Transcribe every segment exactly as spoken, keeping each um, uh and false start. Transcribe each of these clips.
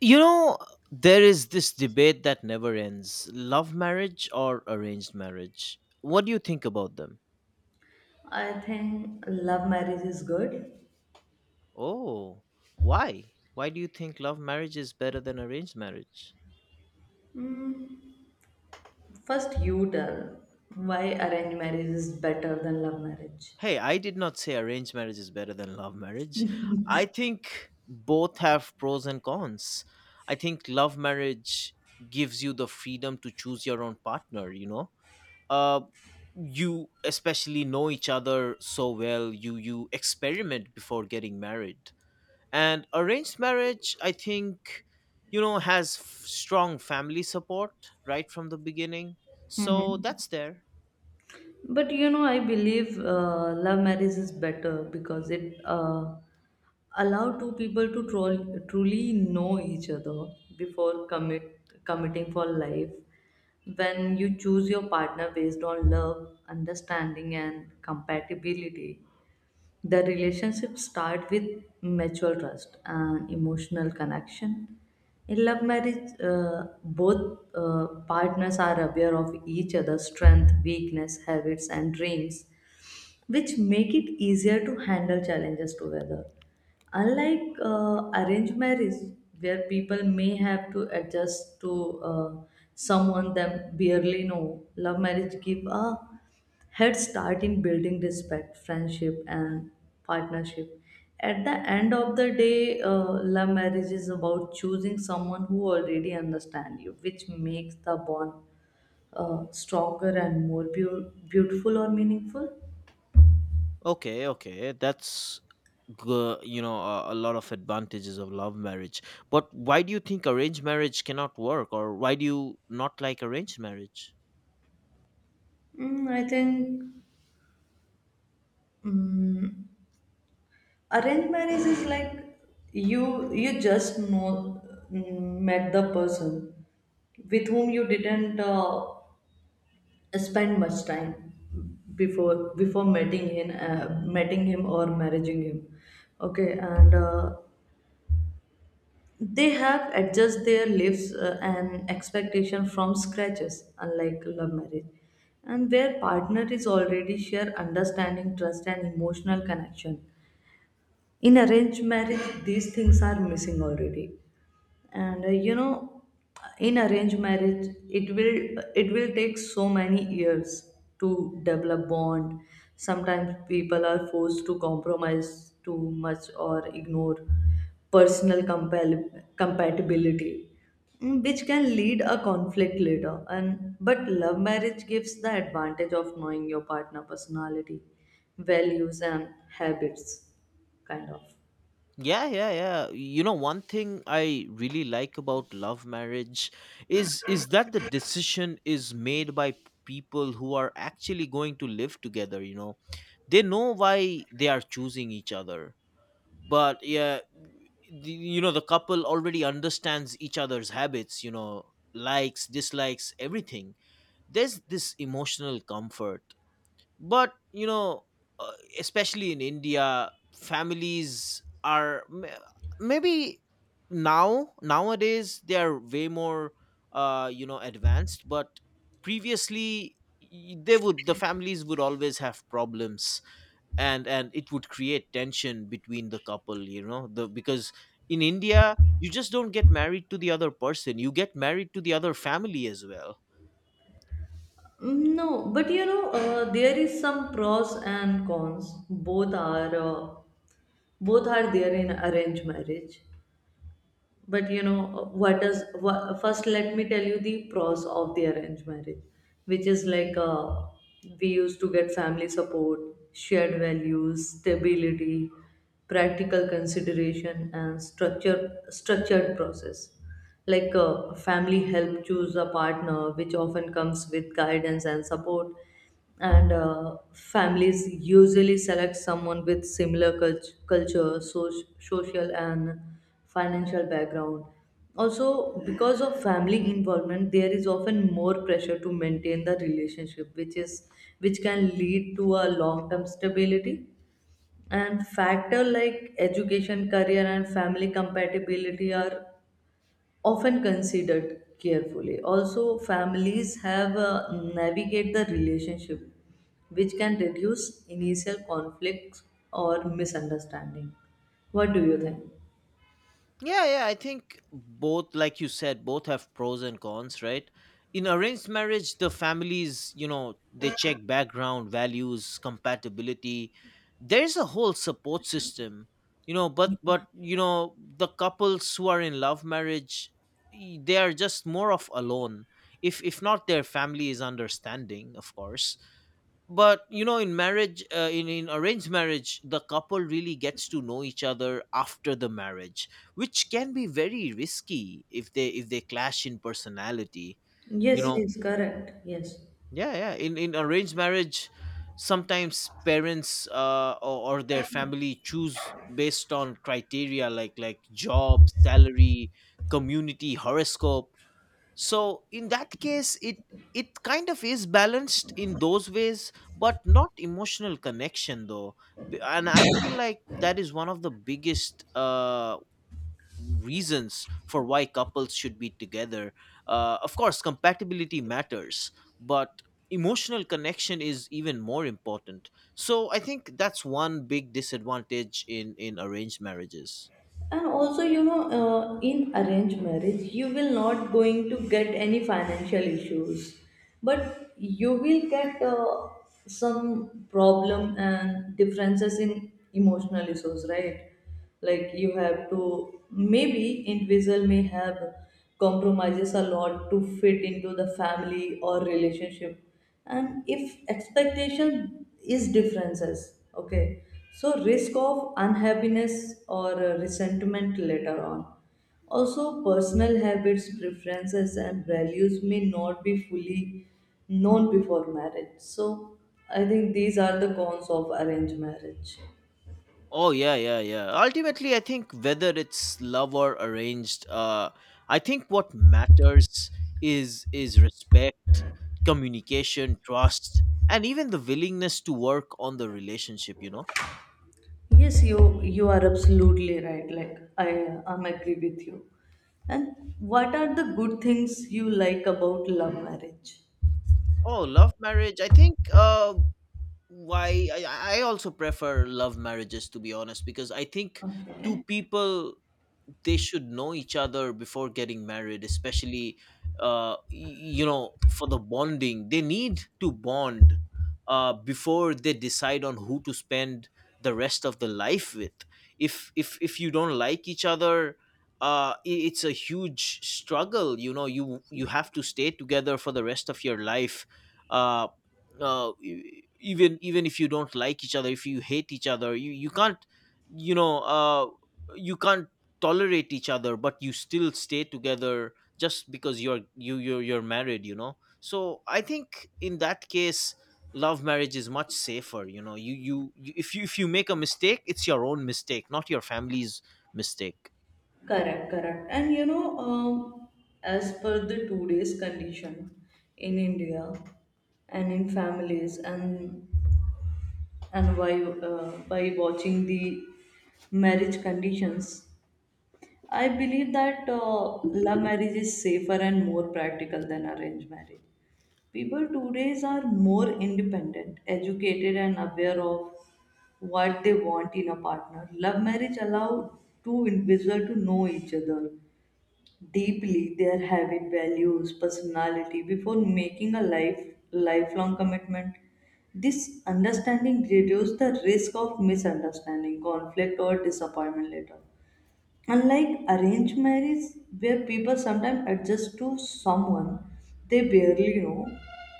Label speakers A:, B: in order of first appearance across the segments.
A: You know, there is this debate that never ends love marriage or arranged marriage. What do you think about them?
B: I think love marriage is good.
A: Oh, why? Why do you think love marriage is better than arranged marriage?
B: Mm, First, you tell why arranged marriage is better than love marriage.
A: Hey, I did not say arranged marriage is better than love marriage. I think both have pros and cons. I think love marriage gives you the freedom to choose your own partner, you know? uh, you especially know each other so well, you you experiment before getting married, and arranged marriage, I think, you know, has f- strong family support right from the beginning,
B: hmm
A: so that's there.
B: But you know, I believe uh, love marriage is better because it uh, allow two people to troll, truly know each other before commit committing for life. When you choose your partner based on love, understanding and compatibility, the relationship start with mutual trust and emotional connection. In love marriage uh, both uh, partners are aware of each other's strength, weakness, habits and dreams, which make it easier to handle challenges together. Unlike uh, arranged marriage, where people may have to adjust to uh, someone they barely know, love marriage give a head start in building respect, friendship, and partnership. At the end of the day, uh, love marriage is about choosing someone who already understands you, which makes the bond uh, stronger and more beau- beautiful or meaningful.
A: Okay, okay, that's good. You know, a, a lot of advantages of love marriage, but why do you think arranged marriage cannot work, or why do you not like arranged marriage?
B: Mm, I think mm, arranged marriage is like you you just know, mm, met the person with whom you didn't uh, spend much time before before meeting him uh, meeting him or marrying him. Okay, and uh, they have adjust their lives uh, and expectation from scratches, unlike love marriage, and where partner is already share understanding, trust and emotional connection. In arranged marriage these things are missing already, and uh, you know, in arranged marriage it will it will take so many years to develop bond. Sometimes people are forced to compromise too much or ignore personal compal- compatibility, mm, which can lead a conflict later. And but love marriage gives the advantage of knowing your partner personality, values and habits, kind of.
A: Yeah, yeah, yeah. You know, one thing I really like about love marriage is is that the decision is made by people who are actually going to live together, you know. They know why they are choosing each other. But yeah, the, you know, the couple already understands each other's habits, you know, likes, dislikes, everything. There's this emotional comfort, but you know, uh, especially in India, families are ma- maybe now nowadays they are way more, uh you know, advanced, but previously y- they would, the families would always have problems, and and it would create tension between the couple, you know, the because in India you just don't get married to the other person, you get married to the other family as well.
B: Mm, No, but you know, uh, there is some pros and cons. Both are uh, both are there in arranged marriage. But you know what does what, first let me tell you the pros of the arranged marriage, which is like uh, we used to get family support, shared values, stability, practical consideration and structure structured process. Like uh, family help choose a partner which often comes with guidance and support, and uh, families usually select someone with similar cult- culture, so- social and financial background. Also, because of family involvement there is often more pressure to maintain the relationship, which is which can lead to a long term stability. And factor like education, career and family compatibility are often considered carefully. Also, families have uh, navigate the relationship, which can reduce initial conflicts or misunderstanding. What do you think?
A: Yeah, yeah, I think both, like you said, both have pros and cons, right? In arranged marriage, the families, you know, they check background, values, compatibility. There's a whole support system, you know, but, but, you know, the couples who are in love marriage, y- they are just more of alone. If, if not their family is understanding, of course, but you know, in marriage, uh, in in arranged marriage, the couple really gets to know each other after the marriage, which can be very risky if they if they clash in personality. You
B: Yes,
A: know,
B: yes, correct. Yes.
A: yeah, yeah, in in arranged marriage sometimes parents, uh, or, or their family choose based on criteria like like job, salary, community, horoscope. So in that case it it kind of is balanced in those ways, but not emotional connection though. B- and I feel like that is one of the biggest uh reasons for why couples should be together. Uh, of course, compatibility matters, but emotional connection is even more important. So I think that's one big disadvantage in in arranged marriages.
B: And also you know uh, in arranged marriage you will not going to get any financial issues, but you will get uh, some problem and differences in emotional issues, right? Like you have to, maybe individual may have compromises a lot to fit into the family or relationship, and if expectation is differences, okay, so risk of unhappiness or uh, resentment later on. Also personal habits, preferences and values may not be fully known before marriage, so I think these are the cons of arranged marriage.
A: Oh yeah, yeah, yeah. Ultimately, I think whether it's love or arranged, uh, I think what matters is is respect, communication, trust, and even the willingness to work on the relationship. You know.
B: Yes, you you are absolutely right. Like I am agree with you. And what are the good things you like about love marriage?
A: Oh, love marriage. I think uh, why I, I also prefer love marriages, to be honest, because I think two
B: Okay.
A: people, they should know each other before getting married. Especially, uh y- you know, for the bonding, they need to bond uh before they decide on who to spend the rest of the life with. If if if you don't like each other, uh i- it's a huge struggle. You know, you you have to stay together for the rest of your life. Uh uh, e- even even if you don't like each other, if you hate each other, you you can't, you know, uh you can't tolerate each other, but you still stay together just because you're you you're, you're married, you know. So I think in that case, love marriage is much safer. You know, you, you you if you if you make a mistake, it's your own mistake, not your family's mistake.
B: Correct, correct. And you know, um, as per the today's condition in India and in families, and and by uh, by watching the marriage conditions, I believe that uh, love marriage is safer and more practical than arranged marriage. People today are more independent, educated, and aware of what they want in a partner. Love marriage allow two individuals to know each other deeply, their habit, values, personality before making a life lifelong commitment. This understanding reduces the risk of misunderstanding, conflict, or disappointment later. Unlike arranged marriage, where people sometimes adjust to someone they barely know,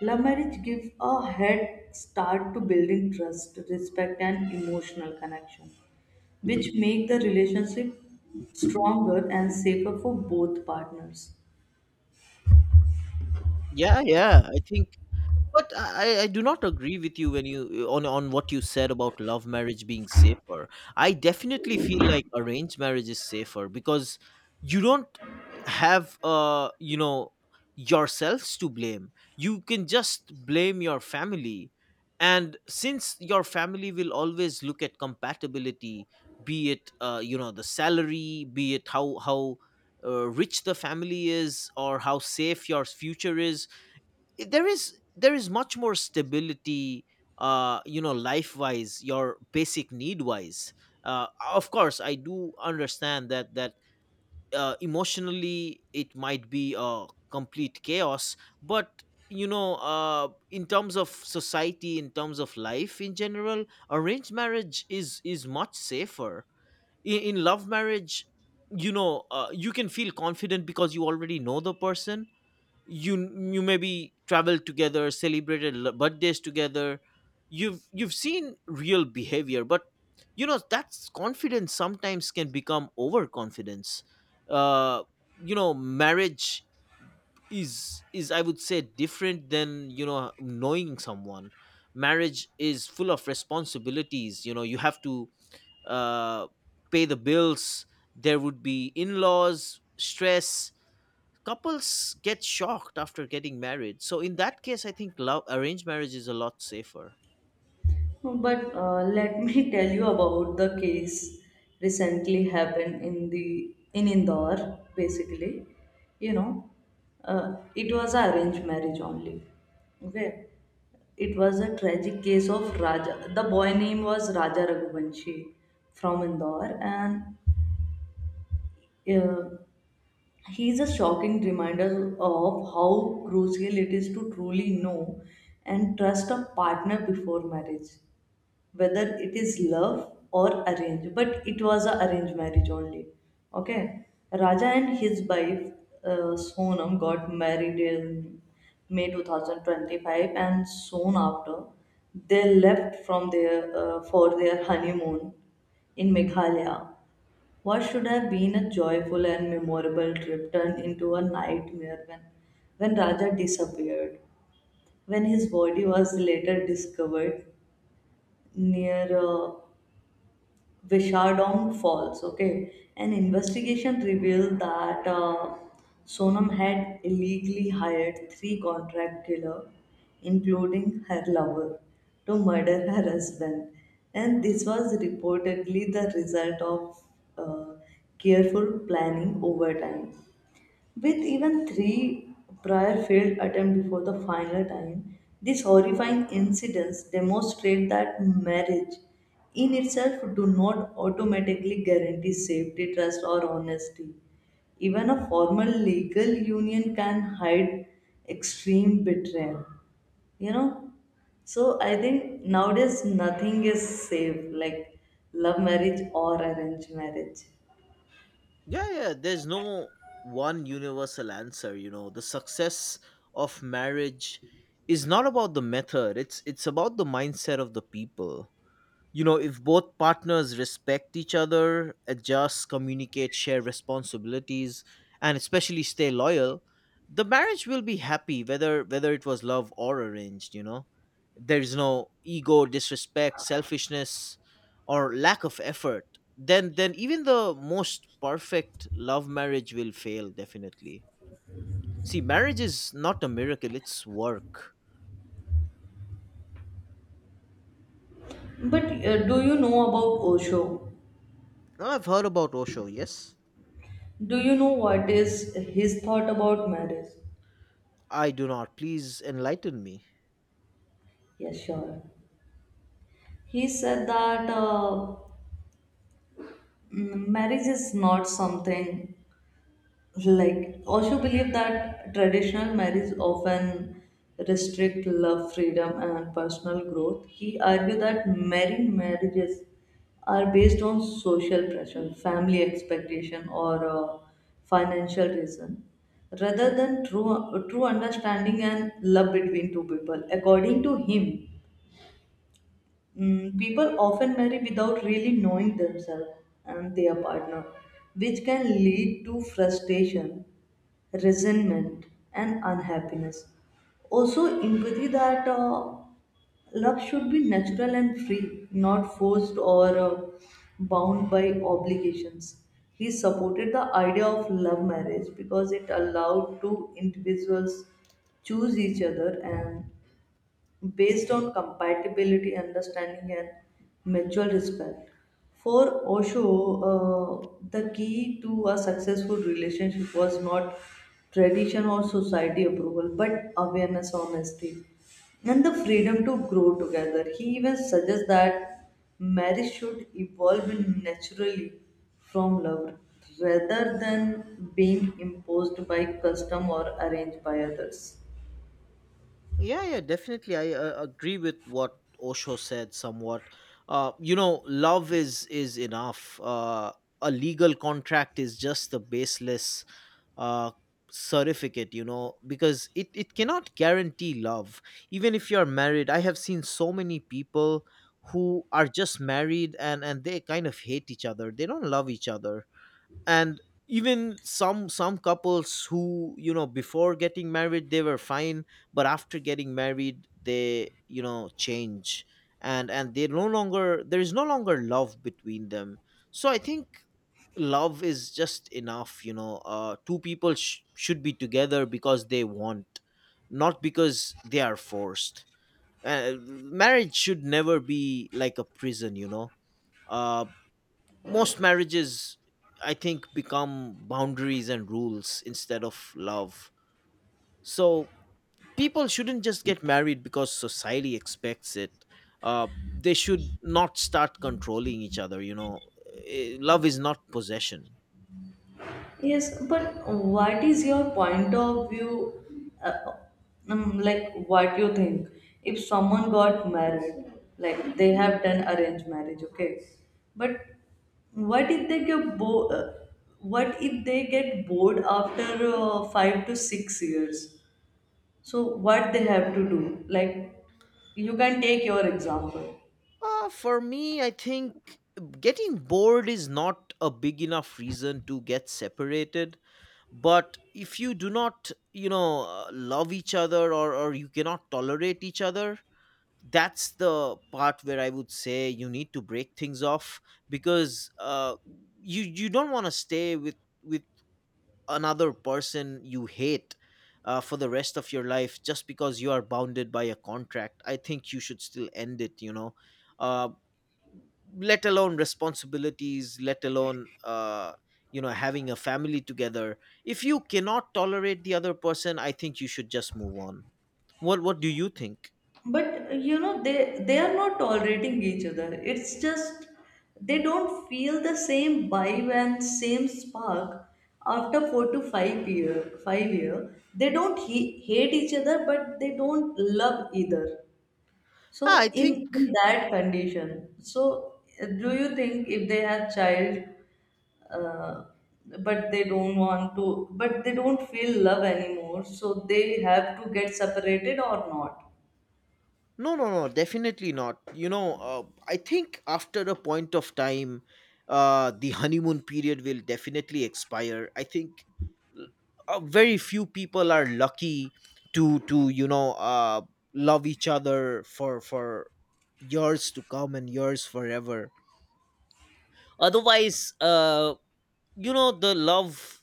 B: love marriage gives a head start to building trust, respect, and emotional connection which make the relationship stronger and safer for both partners.
A: Yeah, yeah, I think. But I, I do not agree with you when you on on what you said about love marriage being safer. I definitely feel like arranged marriage is safer because you don't have, uh you know, yourselves to blame. You can just blame your family. And since your family will always look at compatibility, be it, uh you know, the salary, be it how how uh, rich the family is, or how safe your future is, there is there is much more stability, uh you know, life wise, your basic need wise. uh of course, I do understand that that uh, emotionally it might be a complete chaos, but you know, uh in terms of society, in terms of life in general, arranged marriage is is much safer. in, in love marriage, you know, uh, you can feel confident because you already know the person. you you maybe traveled together, celebrated l- birthdays together. You've you've seen real behavior, but you know that's confidence sometimes can become overconfidence. uh you know, marriage is is I would say, different than, you know, knowing someone. Marriage is full of responsibilities. You know, you have to, uh pay the bills. There would be in-laws stress. Couples get shocked after getting married. So in that case, I think love arranged marriage is a lot safer.
B: But uh, let me tell you about the case recently happened in the in Indore. Basically, you know, uh, it was a arranged marriage only. Okay, it was a tragic case of Raja. The boy name was Raja Raghuvanshi from Indore, and uh, he is a shocking reminder of how crucial it is to truly know and trust a partner before marriage, whether it is love or arranged. But it was an arranged marriage only. Okay, Raja and his wife uh, Sonam got married in May two thousand twenty-five, and soon after they left from their uh, for their honeymoon in Meghalaya. What should have been a joyful and memorable trip turned into a nightmare when, when Raja disappeared. When his body was later discovered near a Vishardong Falls. Okay, an investigation revealed that uh, Sonam had illegally hired three contract killers, including her lover, to murder her husband, and this was reportedly the result of uh, careful planning over time. With even three prior failed attempts before the final time, these horrifying incidents demonstrate that marriage in itself do not automatically guarantee safety, trust, or honesty. Even a formal legal union can hide extreme betrayal. You know, so I think nowadays nothing is safe like love marriage or arranged marriage.
A: Yeah, yeah. There's no one universal answer. You know, the success of marriage is not about the method. It's it's about the mindset of the people. You know, if both partners respect each other, adjust, communicate, share responsibilities, and especially stay loyal, the marriage will be happy, whether whether it was love or arranged. You know, there is no ego, disrespect, selfishness, or lack of effort, then then even the most perfect love marriage will fail. Definitely, see, marriage is not a miracle, it's work.
B: But uh, do you know about Osho?
A: Now, I've heard about Osho, yes.
B: Do you know what is his thought about marriage?
A: I do not, please enlighten me.
B: Yeah, sure. He said that uh, mm, marriage is not something, like also believe that traditional marriage often restrict love, freedom and personal growth. He argued that many marriages are based on social pressure, family expectation or uh, financial reason rather than true true understanding and love between two people. According to him, Mm, people often marry without really knowing themselves and their partner, which can lead to frustration, resentment, and unhappiness. Also, empathy that uh, love should be natural and free, not forced or uh, bound by obligations. He supported the idea of love marriage because it allowed two individuals choose each other and based on compatibility, understanding, and mutual respect. For Osho, uh, the key to a successful relationship was not tradition or society approval, but awareness, honesty, and the freedom to grow together. He even suggests that marriage should evolve naturally from love rather than being imposed by custom or arranged by others.
A: Yeah, yeah, definitely. I uh, agree with what Osho said somewhat. Uh, you know, love is is enough. Uh, a legal contract is just the baseless, uh, certificate, you know, because it, it cannot guarantee love. Even if you're married, I have seen so many people who are just married, and, and they kind of hate each other. They don't love each other. And even some some couples who, you know, before getting married they were fine, but after getting married they, you know, change, and and they no longer there is no longer love between them. So I think love is just enough. You know, uh two people sh- should be together because they want, not because they are forced. Uh, marriage should never be like a prison. You know, uh most marriages, I think, become boundaries and rules instead of love. So people shouldn't just get married because society expects it. Uh, they should not start controlling each other. You know, eh, love is not possession.
B: Yes, but what is your point of view? Uh, um, like, what you think? If someone got married, like they have done arranged marriage, okay? But what if they get bo- uh, what if they get bored after uh, five to six years? So what they have to do? Like, you can take your example.
A: Uh, for me, I think getting bored is not a big enough reason to get separated. But if you do not, you know, uh, love each other, or, or you cannot tolerate each other, that's the part where I would say you need to break things off because, uh, you you don't want to stay with with another person you hate uh, for the rest of your life just because you are bounded by a contract. I think you should still end it. You know, uh, let alone responsibilities, let alone, uh, you know, having a family together, if you cannot tolerate the other person, I think you should just move on. What what do you think?
B: But you know they they are not tolerating each other, it's just they don't feel the same vibe and same spark after four to five year, five year, they don't he- hate each other but they don't love either.
A: Ah, I
B: So in, in
A: think.
B: that condition, so uh, do you think if they have child, uh, but they don't want to, but they don't feel love anymore so they have to get separated or not?
A: No, no, no, definitely not. You know, uh, I think after a point of time, uh, the honeymoon period will definitely expire. I think, l- uh, very few people are lucky to to you know, uh, love each other for for years to come and years forever. Otherwise, uh, you know, the love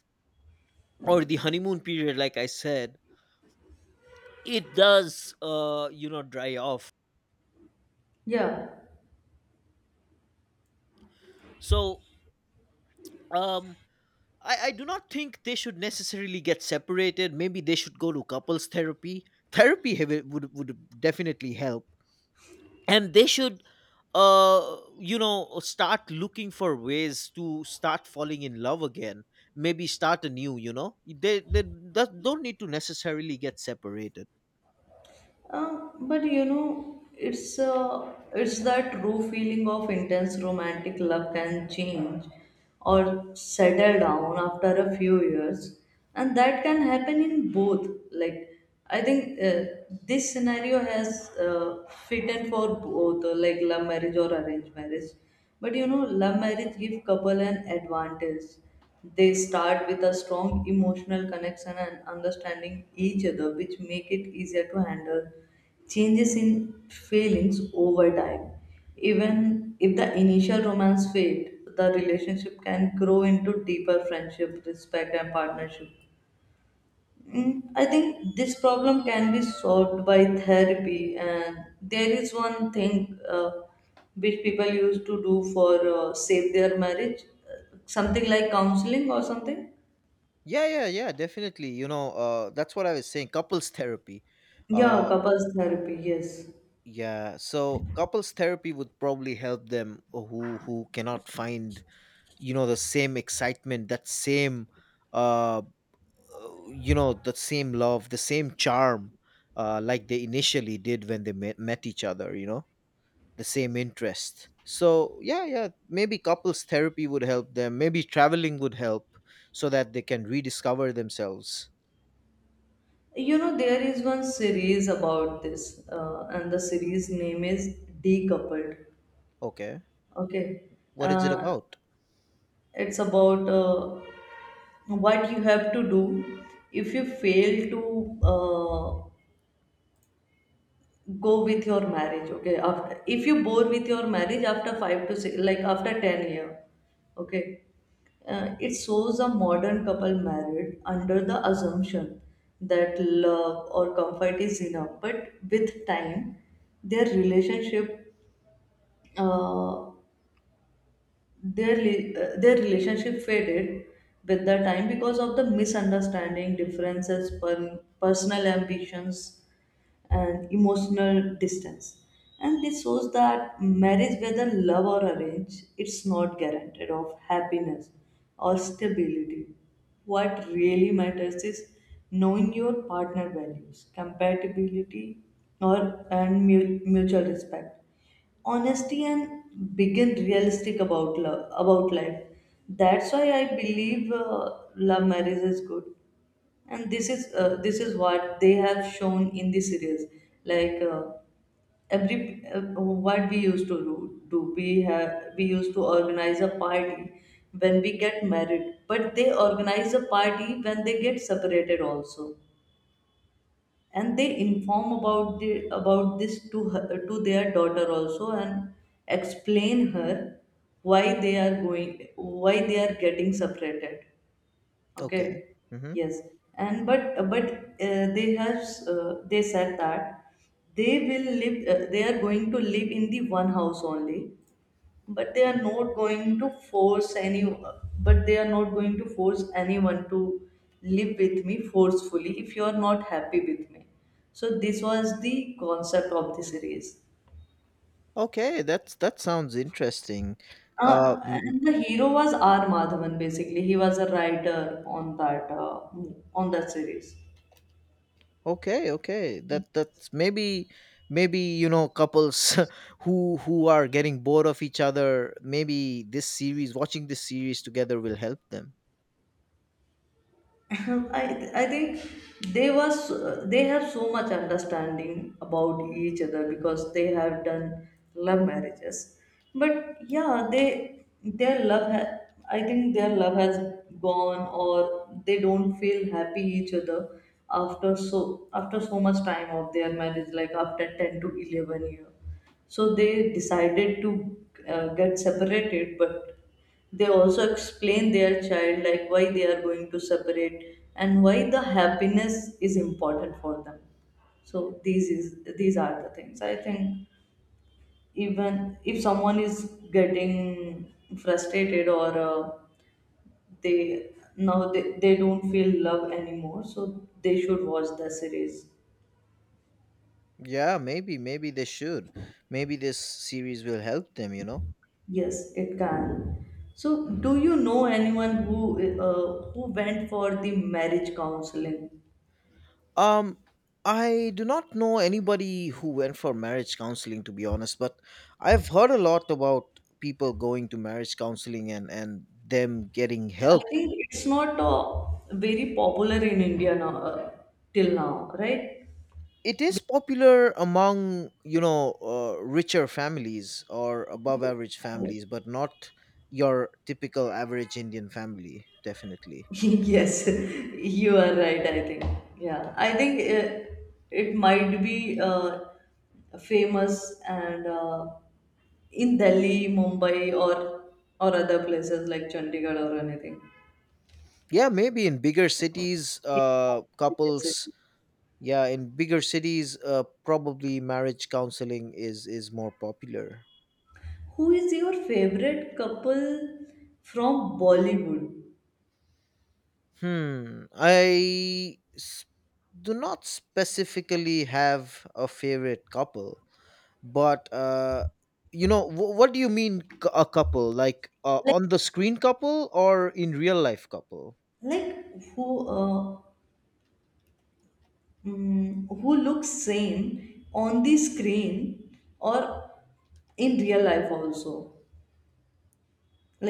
A: or the honeymoon period, like I said, it does, uh, you know, dry off.
B: Yeah.
A: So, um I, I do not think they should necessarily get separated. Maybe they should go to couples therapy. Therapy have- would would definitely help, and they should, uh, you know, start looking for ways to start falling in love again. Maybe start anew. You know, they they that don't need to necessarily get separated.
B: Uh, but you know, it's uh, it's that true feeling of intense romantic love can change or settle down after a few years, and that can happen in both. Like I think uh, this scenario has uh, fit in for both, uh, like love marriage or arranged marriage. But you know, love marriage give couple an advantage, they start with a strong emotional connection and understanding each other, which make it easier to handle changes in feelings over time. Even if the initial romance fades, the relationship can grow into deeper friendship, respect, and partnership. Mm, I think this problem can be solved by therapy, and there is one thing uh, which people used to do for uh, save their marriage, uh, something like counseling or something.
A: Yeah, yeah, yeah, definitely. You know, uh, that's what I was saying. Couples therapy.
B: Yeah,
A: Uh,
B: couples therapy, yes.
A: Yeah, so couples therapy would probably help them who who cannot find, you know, the same excitement, that same, uh uh, you know, the same love, the same charm, uh like they initially did when they met, met each other, you know, the same interest. So, yeah, yeah, maybe couples therapy would help them. Maybe traveling would help so that they can rediscover themselves.
B: You know, there is one series about this, uh, and the series name is Decoupled.
A: Okay.
B: Okay.
A: What is it
B: Uh,
A: about?
B: it's about uh, what you have to do if you fail to uh, go with your marriage, okay, after, if you bore with your marriage after five to six, like after ten year, okay. Uh, it shows a modern couple married under the assumption that love or comfort is enough, but with time their relationship uh, their li- uh, their relationship faded with the time because of the misunderstanding, differences, per- personal ambitions and emotional distance. And this shows that marriage, whether love or arrange, it's not guaranteed of happiness or stability. What really matters is knowing your partner values, compatibility, or and mu- mutual respect, honesty, and begin realistic about love, about life. That's why I believe uh, love marriage is good. And this is uh, this is what they have shown in the series. Like uh, every uh, What we used to do, do we have we used to organize a party when we get married, but they organize a party when they get separated also. And they inform about the about this to her, to their daughter also, and explain her why they are going, why they are getting separated.
A: Okay.
B: Okay,
A: Mhm.
B: yes, and but but uh, they have, uh, they said that they will live. Uh, they are going to live in the one house only, but they are not going to force any. But they are not going to force anyone to live with me forcefully if you are not happy with me. So this was the concept of the series.
A: Okay, that's that sounds interesting. Uh,
B: Uh,
A: mm,
B: and the hero was R. Madhavan. Basically, he was a writer on that uh, on that series.
A: okay, okay. That that's maybe, maybe you know, couples who who are getting bored of each other. Maybe this series, watching this series together, will help them.
B: I, I think they was they have so much understanding about each other because they have done love marriages, but yeah, they their love ha- I think their love has gone, or they don't feel happy each other after so after so much time of their marriage, like after ten to eleven year, so they decided to uh, get separated. But they also explain their child like why they are going to separate and why the happiness is important for them. So these is these are the things. I think even if someone is getting frustrated or uh, they now they, they don't feel love anymore, so they should watch the series.
A: Yeah, maybe maybe they should. Maybe this series will help them. You know.
B: Yes, it can. So, do you know anyone who uh, who went for the marriage counseling?
A: Um, I do not know anybody who went for marriage counseling, to be honest, but I've heard a lot about people going to marriage counseling, and, and them getting
B: I
A: help.
B: think it's not uh, very popular in India now, uh, till now, right?
A: It is popular among, you know, uh, richer families or above average
B: Okay.
A: families, but not your typical average Indian family, definitely.
B: Yes, you are right, I think. Yeah, I think it, it might be uh, famous and uh, in Delhi, Mumbai, or or other places like Chandigarh or anything.
A: Yeah, maybe in bigger cities,
B: Yes,
A: uh,
B: yes, yes.
A: couples. Yeah, in bigger cities, uh, probably marriage counseling is is more popular.
B: Who is your favorite couple from Bollywood?
A: Hmm. I s- do not specifically have a favorite couple, but uh, you know, wh- what do you mean, c- a couple? Like, uh, on the screen couple or in real life couple?
B: Like who uh, mm, who looks same on the screen or in real life also?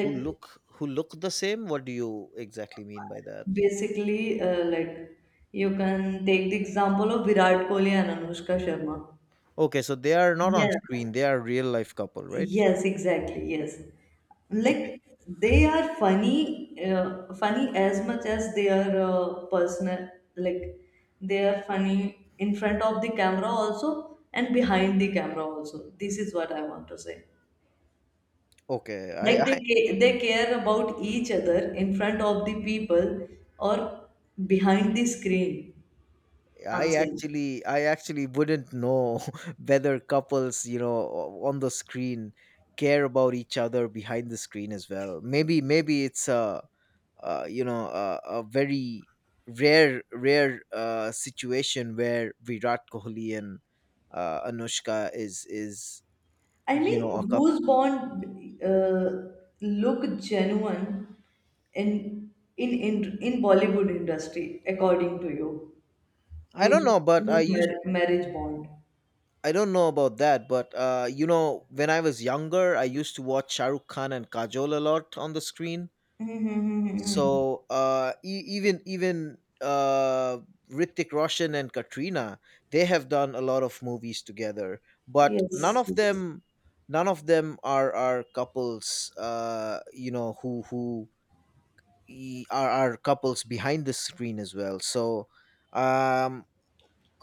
A: Who look who look the same? What do you exactly mean by that?
B: basically, uh, like you can take the example of Virat Kohli and Anushka Sharma.
A: Okay, so they are not on
B: Yeah,
A: screen; they are real life couple, right?
B: yes, exactly. Yes.
A: Okay,
B: Like they are funny, uh, funny as much as they are uh, personal. Like they are funny in front of the camera also and behind the camera also. This is what I want to say.
A: okay.
B: Like they
A: I
B: ca- they care about each other in front of the people or behind the screen. I'm
A: I
B: saying.
A: actually I actually wouldn't know whether couples, you know, o- on the screen care about each other behind the screen as well. Maybe, maybe it's a, uh you know, a, a very rare rare uh, situation where Virat Kohli and, uh, Anushka is is
B: I
A: you know, a
B: mean,
A: couple.
B: whose bond uh, look genuine in in in in Bollywood industry, according to you?
A: I
B: Whose
A: don't know, but I
B: whose
A: used.
B: mar- Marriage bond?
A: I don't know about that, but, uh, you know, when I was younger, I used to watch Shahrukh Khan and Kajol a lot on the screen.
B: Mm-hmm.
A: So, uh, e- even even uh, Ritik Roshan and Katrina, they have done a lot of movies together, but none
B: Yes.
A: of
B: Yes.
A: them, none of them are are couples. Uh, you know, who who e- are are couples behind the screen as well. So, um,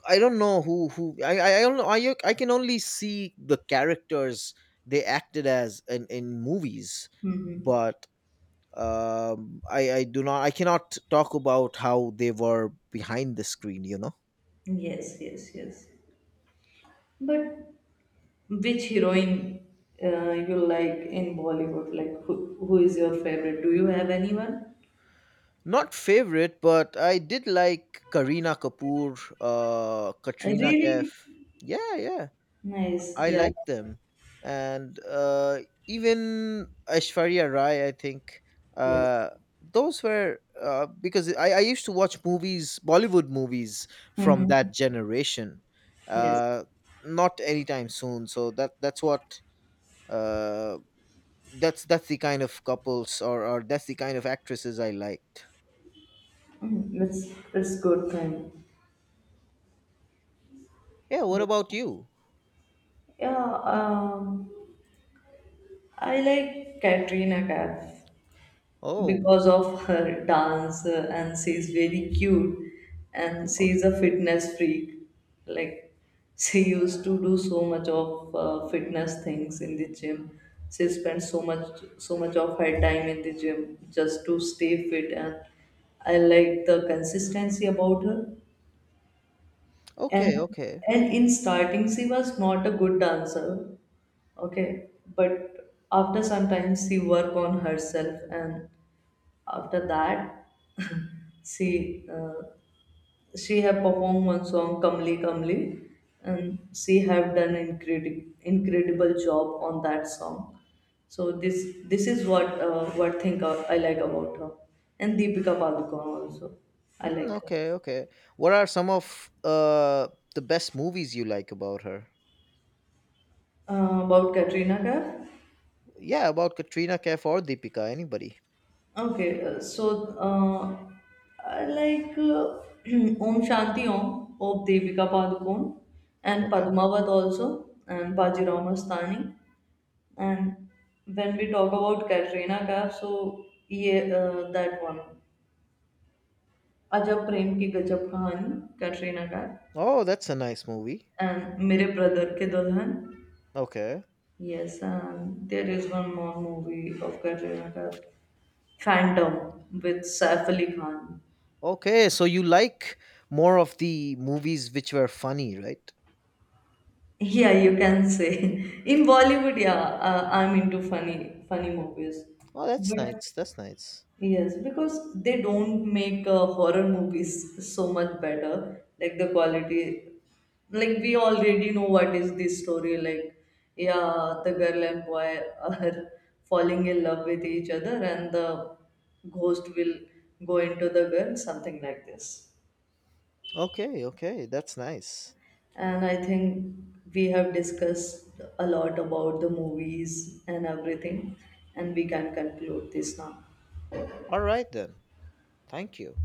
A: I don't know who who I I I don't know. I I can only see the characters they acted as in in movies,
B: Mm-hmm.
A: but um, I I do not, I cannot talk about how they were behind the screen, you know.
B: Yes. Yes. Yes. But which heroine uh, you like in Bollywood? Like who who is your favorite? Do you have anyone?
A: Not favorite, but I did like Karina Kapoor, uh
B: Uh,
A: Katrina Kaif.
B: Really
A: Yeah, yeah,
B: nice.
A: I
B: Yeah.
A: like them. And uh even Aishwarya Rai, I think,
B: Yes.
A: uh those were, uh, because I, I used to watch movies, Bollywood movies, from
B: Mm-hmm.
A: that generation.
B: Yes.
A: uh Not anytime soon, so that that's what, uh that's that's the kind of couples, or or that's the kind of actresses I liked.
B: Mm, That's that's good then.
A: Yeah, what
B: Yeah.
A: about you?
B: Yeah, um, I like Katrina Kaif
A: Oh,
B: because of her dance, uh, and she's very cute, and
A: okay.
B: she's a fitness freak. Like she used to do so much of uh, fitness things in the gym. She spent so much so much of her time in the gym just to stay fit, and I like the consistency about her.
A: Okay,
B: And
A: okay.
B: and in starting she was not a good dancer, okay, but after some time she work on herself, and after that she uh, she have performed one song, Kamli Kamli, and she have done incredible incredible job on that song. So this this is what uh, what thing I, I like about her. And Deepika Padukone also, I
A: Mm,
B: like her.
A: okay, okay. What are some of uh the best movies you like about her?
B: Uh, about Katrina Kaif?
A: Yeah, about Katrina Kaif or Deepika, anybody.
B: Okay, uh, so uh, I like uh, Om Shanti Om of Devika Padukone, and
A: Okay.
B: Padmavat also, and Baji Mastani. And when we talk about Katrina Kaif, so yeah, uh, that one. Ajab Prem Ki Gajab Kahani, Katrina Kaif,
A: Oh, that's a nice movie.
B: and Mere Brother Ke Dulhan.
A: Okay.
B: Yes, and there is one more movie of Katrina Kaif, Phantom, with Saif Ali Khan.
A: Okay, so you like more of the movies which were funny, right?
B: Yeah, you can say. In Bollywood, yeah, uh, I'm into funny funny movies.
A: Oh, that's
B: But
A: nice. That's nice.
B: yes, because they don't make uh, horror movies so much better. Like the quality, like we already know what is this story. Like, yeah, the girl and boy are falling in love with each other, and the ghost will go into the girl, something like this.
A: Okay, okay. That's nice.
B: And I think we have discussed a lot about the movies and everything, and we can conclude this now.
A: All right then. Thank you.